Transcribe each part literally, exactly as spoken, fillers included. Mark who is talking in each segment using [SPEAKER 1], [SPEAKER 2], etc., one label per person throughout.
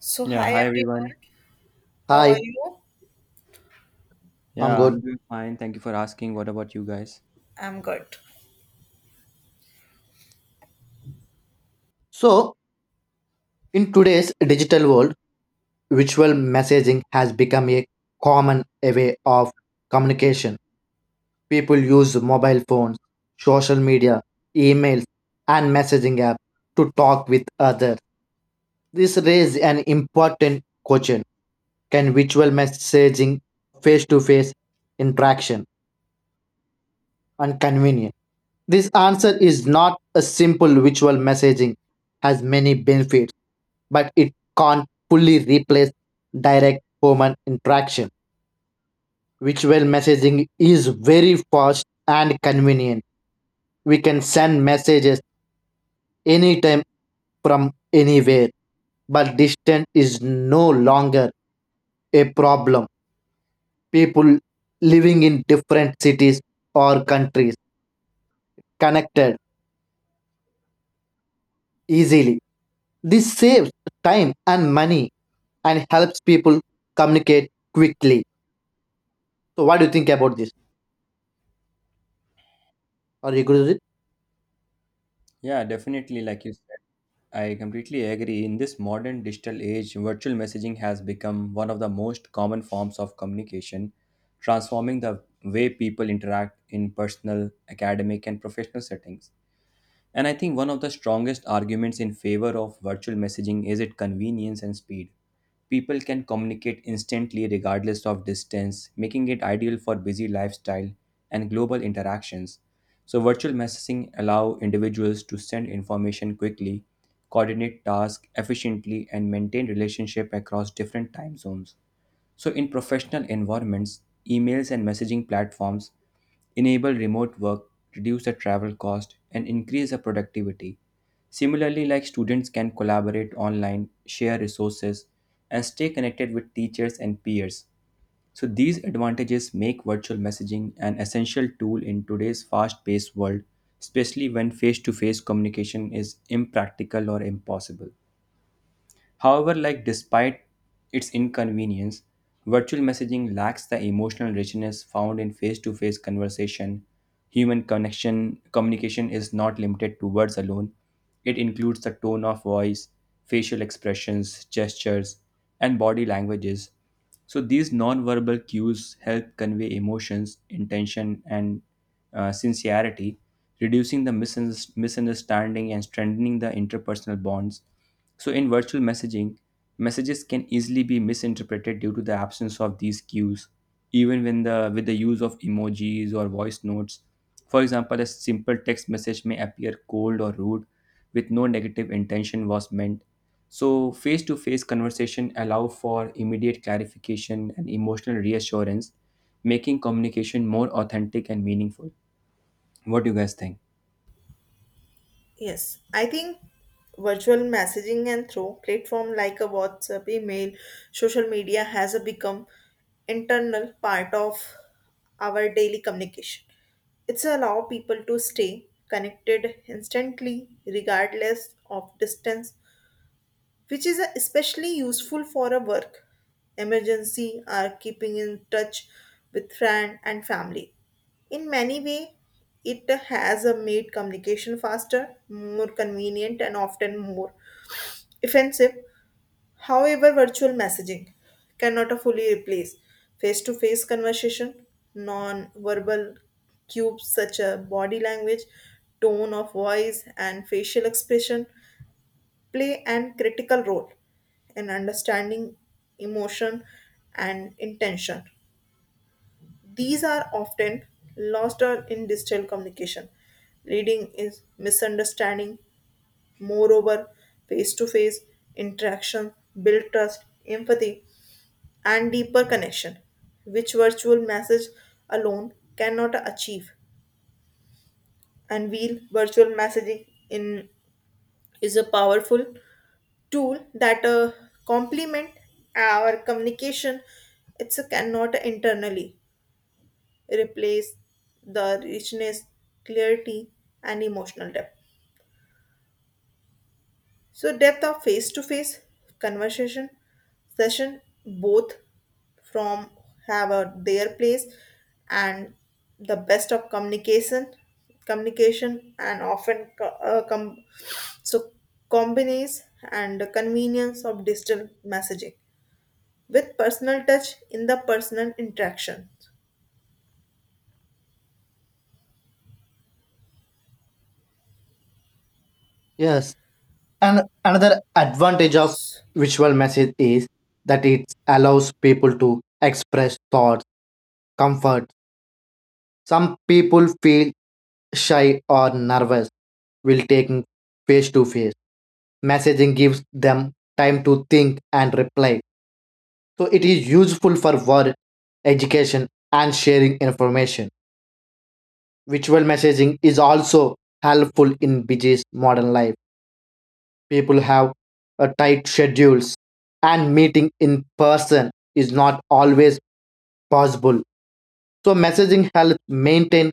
[SPEAKER 1] So,
[SPEAKER 2] Yeah,
[SPEAKER 1] hi
[SPEAKER 2] hi everyone.
[SPEAKER 1] everyone, how are
[SPEAKER 3] Hi,
[SPEAKER 1] you?
[SPEAKER 3] I'm
[SPEAKER 2] Yeah,
[SPEAKER 3] good.
[SPEAKER 2] I'm doing fine. Thank you for asking. What about you guys?
[SPEAKER 1] I'm good.
[SPEAKER 3] So, in today's digital world, visual messaging has become a common way of communication. People use mobile phones, social media, emails, and messaging apps to talk with others. This raises an important question. Can visual messaging face to face interaction and convenient? This answer is not a simple visual messaging has many benefits but it can't fully replace direct human interaction. Visual messaging is very fast and convenient. We can send messages anytime from anywhere, but distance is no longer a problem. People living in different cities or countries connected easily. This saves time and money and helps people communicate quickly. So, what do you think about this? Are you good with it?
[SPEAKER 2] Yeah, definitely. Like you said, I completely agree. In this modern digital age, virtual messaging has become one of the most common forms of communication, transforming the way people interact in personal, academic, and professional settings. And I think one of the strongest arguments in favor of virtual messaging is its convenience and speed. People can communicate instantly regardless of distance, making it ideal for busy lifestyle and global interactions. So virtual messaging allow individuals to send information quickly, coordinate tasks efficiently and maintain relationship across different time zones. So, in professional environments, emails and messaging platforms enable remote work, reduce the travel cost, and increase the productivity. Similarly, like students can collaborate online, share resources, and stay connected with teachers and peers. So, these advantages make virtual messaging an essential tool in today's fast paced world, especially when face to face communication is impractical or impossible. However, like despite its inconvenience, virtual messaging lacks the emotional richness found in face-to-face conversation. Human connection communication is not limited to words alone. It includes the tone of voice, facial expressions, gestures, and body languages. So these non-verbal cues help convey emotions, intention, and uh, sincerity, reducing the misunderst- misunderstanding and strengthening the interpersonal bonds. So, in virtual messaging, messages can easily be misinterpreted due to the absence of these cues, even when the with the use of emojis or voice notes. For example, a simple text message may appear cold or rude, with no negative intention was meant. So, face-to-face conversation allow for immediate clarification and emotional reassurance, making communication more authentic and meaningful. What do you guys think?
[SPEAKER 1] Yes, I think virtual messaging and through platform like a WhatsApp, email, social media has become internal part of our daily communication. It's allow people to stay connected instantly regardless of distance which is especially useful for a work emergency or keeping in touch with friend and family. In many way, it has uh, made communication faster, more convenient, and often more offensive. However, virtual messaging cannot fully replace face-to-face conversation. Non-verbal cues such as body language, tone of voice, and facial expression play an critical role in understanding emotion and intention. These are often lost or in digital communication, leading is misunderstanding. Moreover, face-to-face interaction build trust, empathy, and deeper connection, which virtual message alone cannot achieve. And while virtual messaging in is a powerful tool that uh, complement our communication, it's a cannot internally replace the richness, clarity, and emotional depth, so depth of face to face conversation session both from have a, their place, and the best of communication communication and often co- uh, com- so combines and convenience of digital messaging with personal touch in the personal interaction.
[SPEAKER 3] Yes. And another advantage of visual message is that it allows people to express thoughts, comfort. Some people feel shy or nervous while taking face to face. Messaging gives them time to think and reply. So it is useful for work, education, and sharing information. Visual messaging is also helpful in busy modern life. People have uh, tight schedules and meeting in person is not always possible, so messaging helps maintain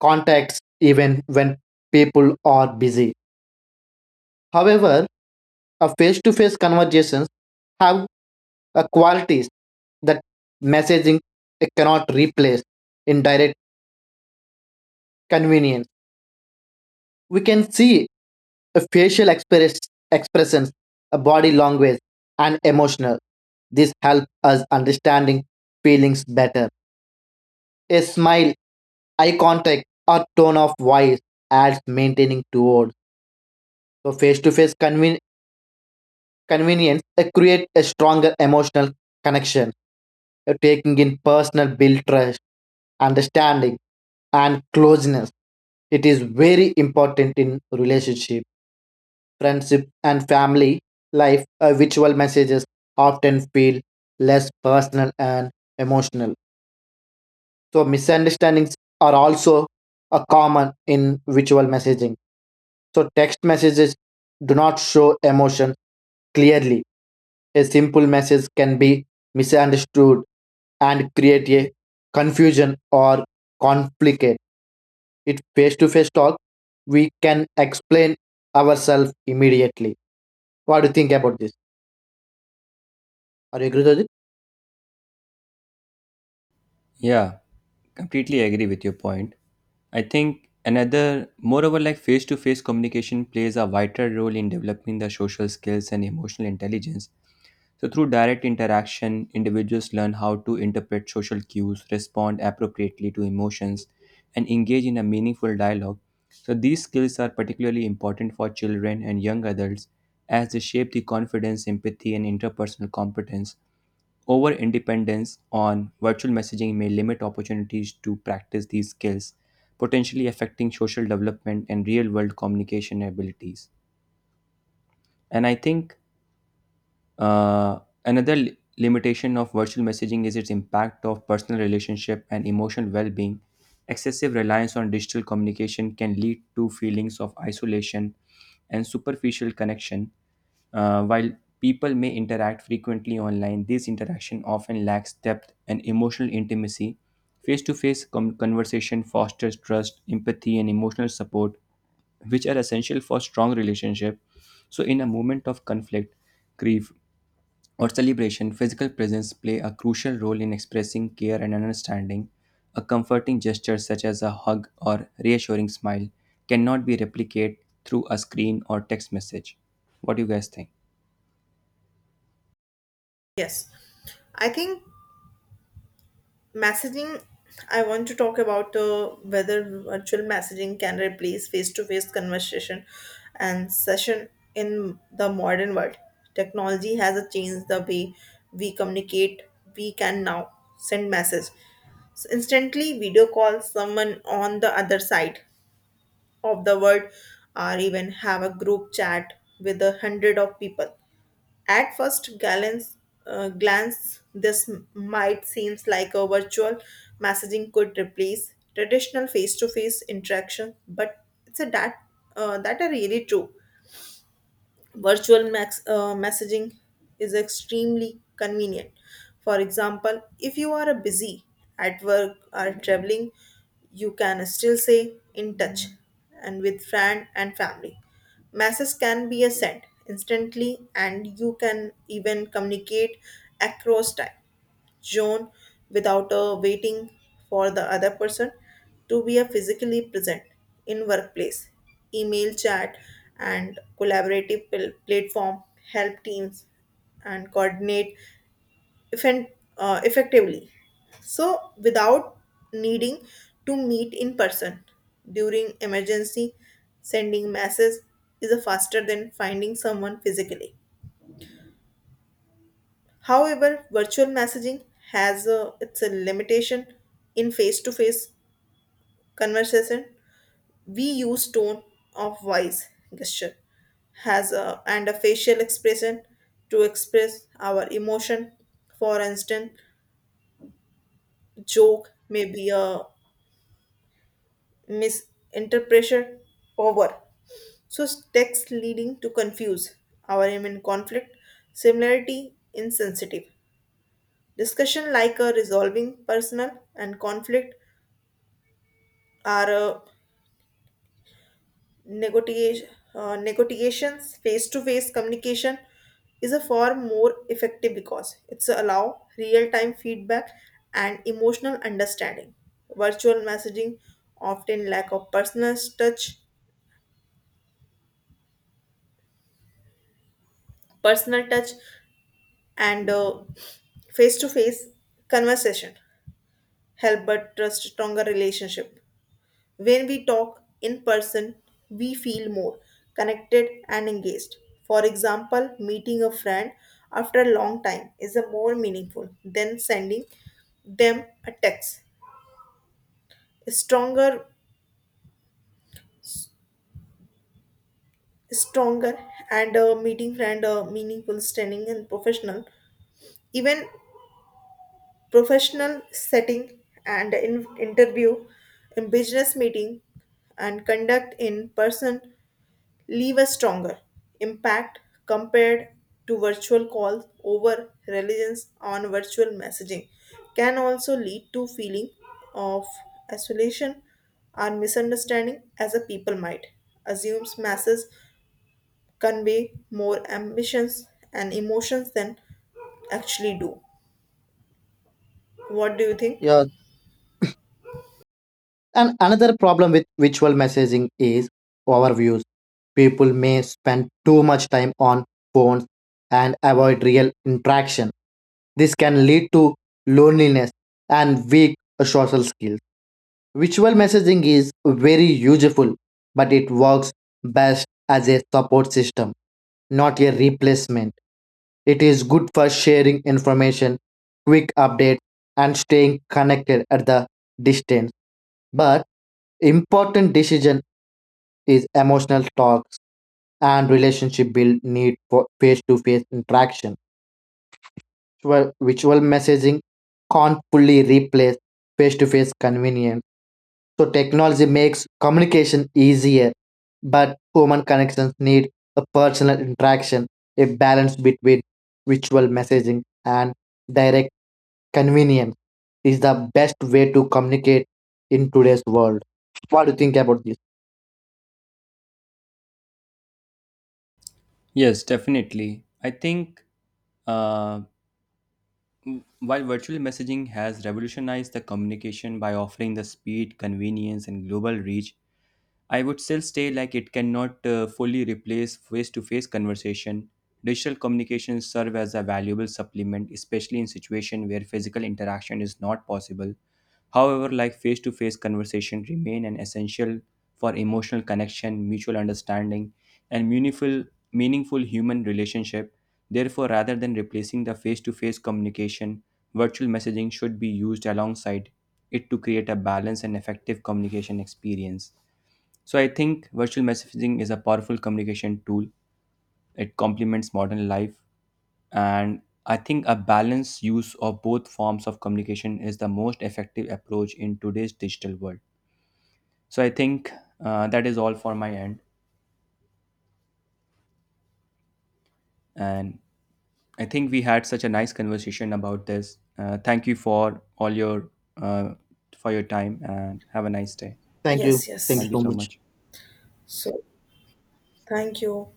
[SPEAKER 3] contacts even when people are busy. However, a face-to-face conversations have uh, qualities that messaging cannot replace. In direct convenience, we can see a facial express, expressions, a body language, and emotional. This help us understanding feelings better. A smile, eye contact, or tone of voice adds maintaining towards. So face-to-face conven- convenience uh, create a stronger emotional connection. Uh, taking in personal build trust, understanding, and closeness. It is very important in relationship, friendship, and family life. Uh, visual messages often feel less personal and emotional. So misunderstandings are also a common in visual messaging. So text messages do not show emotion clearly. A simple message can be misunderstood and create a confusion or conflict. It face to face talk, we can explain ourselves immediately. What do you think about this? Are you agree with it?
[SPEAKER 2] Yeah, completely agree with your point. I think another, moreover, like face to face communication plays a vital role in developing the social skills and emotional intelligence. So, through direct interaction, individuals learn how to interpret social cues, respond appropriately to emotions, and engage in a meaningful dialogue. So, these skills are particularly important for children and young adults as they shape the confidence, empathy, and interpersonal competence. Over independence on virtual messaging may limit opportunities to practice these skills, potentially affecting social development and real world communication abilities. And I think uh, another li- limitation of virtual messaging is its impact of personal relationship and emotional well-being. Excessive reliance on digital communication can lead to feelings of isolation and superficial connection. Uh, while people may interact frequently online, this interaction often lacks depth and emotional intimacy. Face to face conversation fosters trust, empathy, and emotional support, which are essential for strong relationship. So, in a moment of conflict, grief, or celebration, physical presence play a crucial role in expressing care and understanding. A comforting gesture such as a hug or reassuring smile cannot be replicated through a screen or text message. What do you guys think?
[SPEAKER 1] Yes, I think messaging. I want to talk about uh, whether virtual messaging can replace face-to-face conversation and session in the modern world. Technology has changed the way we communicate. We can now send message so instantly, video call someone on the other side of the world, or even have a group chat with a hundred of people. At first glance, uh, glance this m- might seems like a virtual messaging could replace traditional face-to-face interaction, but it's a that uh, that are really true. Virtual max, uh, messaging is extremely convenient. For example, if you are busy at work or traveling, you can still stay in touch and with friend and family. Messages can be sent instantly and you can even communicate across time zone without uh, waiting for the other person to be a physically present in workplace email chat and collaborative pl- platform help teams and coordinate effen- uh, effectively so without needing to meet in person during emergency sending messages is a faster than finding someone physically. However, virtual messaging has a, its a limitation in face-to-face conversation. We use tone of voice, gesture, has a, and a facial expression to express our emotion. For instance, joke may be a misinterpretation over. So text leading to confuse our aim in conflict, similarity insensitive. Discussion like a resolving personal and conflict. Our uh, negotiation, uh, negotiations, face-to-face communication is a far more effective because it's allow real-time feedback and emotional understanding. Virtual messaging often lack of personal touch, personal touch, and uh, face-to-face conversation help but trust stronger relationship. When we talk in person, we feel more connected and engaged. For example, meeting a friend after a long time is a more meaningful than sending them a text. Stronger, stronger, and uh, meeting friend uh, meaningful, standing and professional. Even professional setting and in interview, in business meeting, and conduct in person leave a stronger impact compared to virtual calls over reliance on virtual messaging can also lead to feeling of isolation or misunderstanding as a people might assumes masses convey more ambitions and emotions than actually do. What do you think?
[SPEAKER 3] Yeah. And another problem with visual messaging is overviews. People may spend too much time on phones and avoid real interaction. This can lead to loneliness and weak social skills. Visual messaging is very useful, but it works best as a support system, not a replacement. It is good for sharing information, quick updates, and staying connected at the distance. But important decision is emotional talks and relationship build need for face-to-face interaction. virtual, virtual messaging can't fully replace face to face convenience. So technology makes communication easier, but human connections need a personal interaction. A balance between virtual messaging and direct convenience is the best way to communicate in today's world. What do you think about this?
[SPEAKER 2] Yes, definitely. I think uh, m- while virtual messaging has revolutionized the communication by offering the speed, convenience, and global reach, I would still say like it cannot uh, fully replace face-to-face conversation. Digital communications serve as a valuable supplement, especially in situations where physical interaction is not possible. However, like face-to-face conversation remain an essential for emotional connection, mutual understanding, and meaningful meaningful human relationship. Therefore, rather than replacing the face-to-face communication, virtual messaging should be used alongside it to create a balanced and effective communication experience. So I think virtual messaging is a powerful communication tool. It complements modern life and I think a balanced use of both forms of communication is the most effective approach in today's digital world. So I think uh, that is all for my end and I think we had such a nice conversation about this. Uh, thank you for all your uh, for your time and have a nice day.
[SPEAKER 3] Thank you.
[SPEAKER 1] yes
[SPEAKER 3] Thank you
[SPEAKER 2] Thank
[SPEAKER 1] yes
[SPEAKER 2] you
[SPEAKER 3] so
[SPEAKER 2] so
[SPEAKER 3] much.
[SPEAKER 2] much.
[SPEAKER 1] So thank you.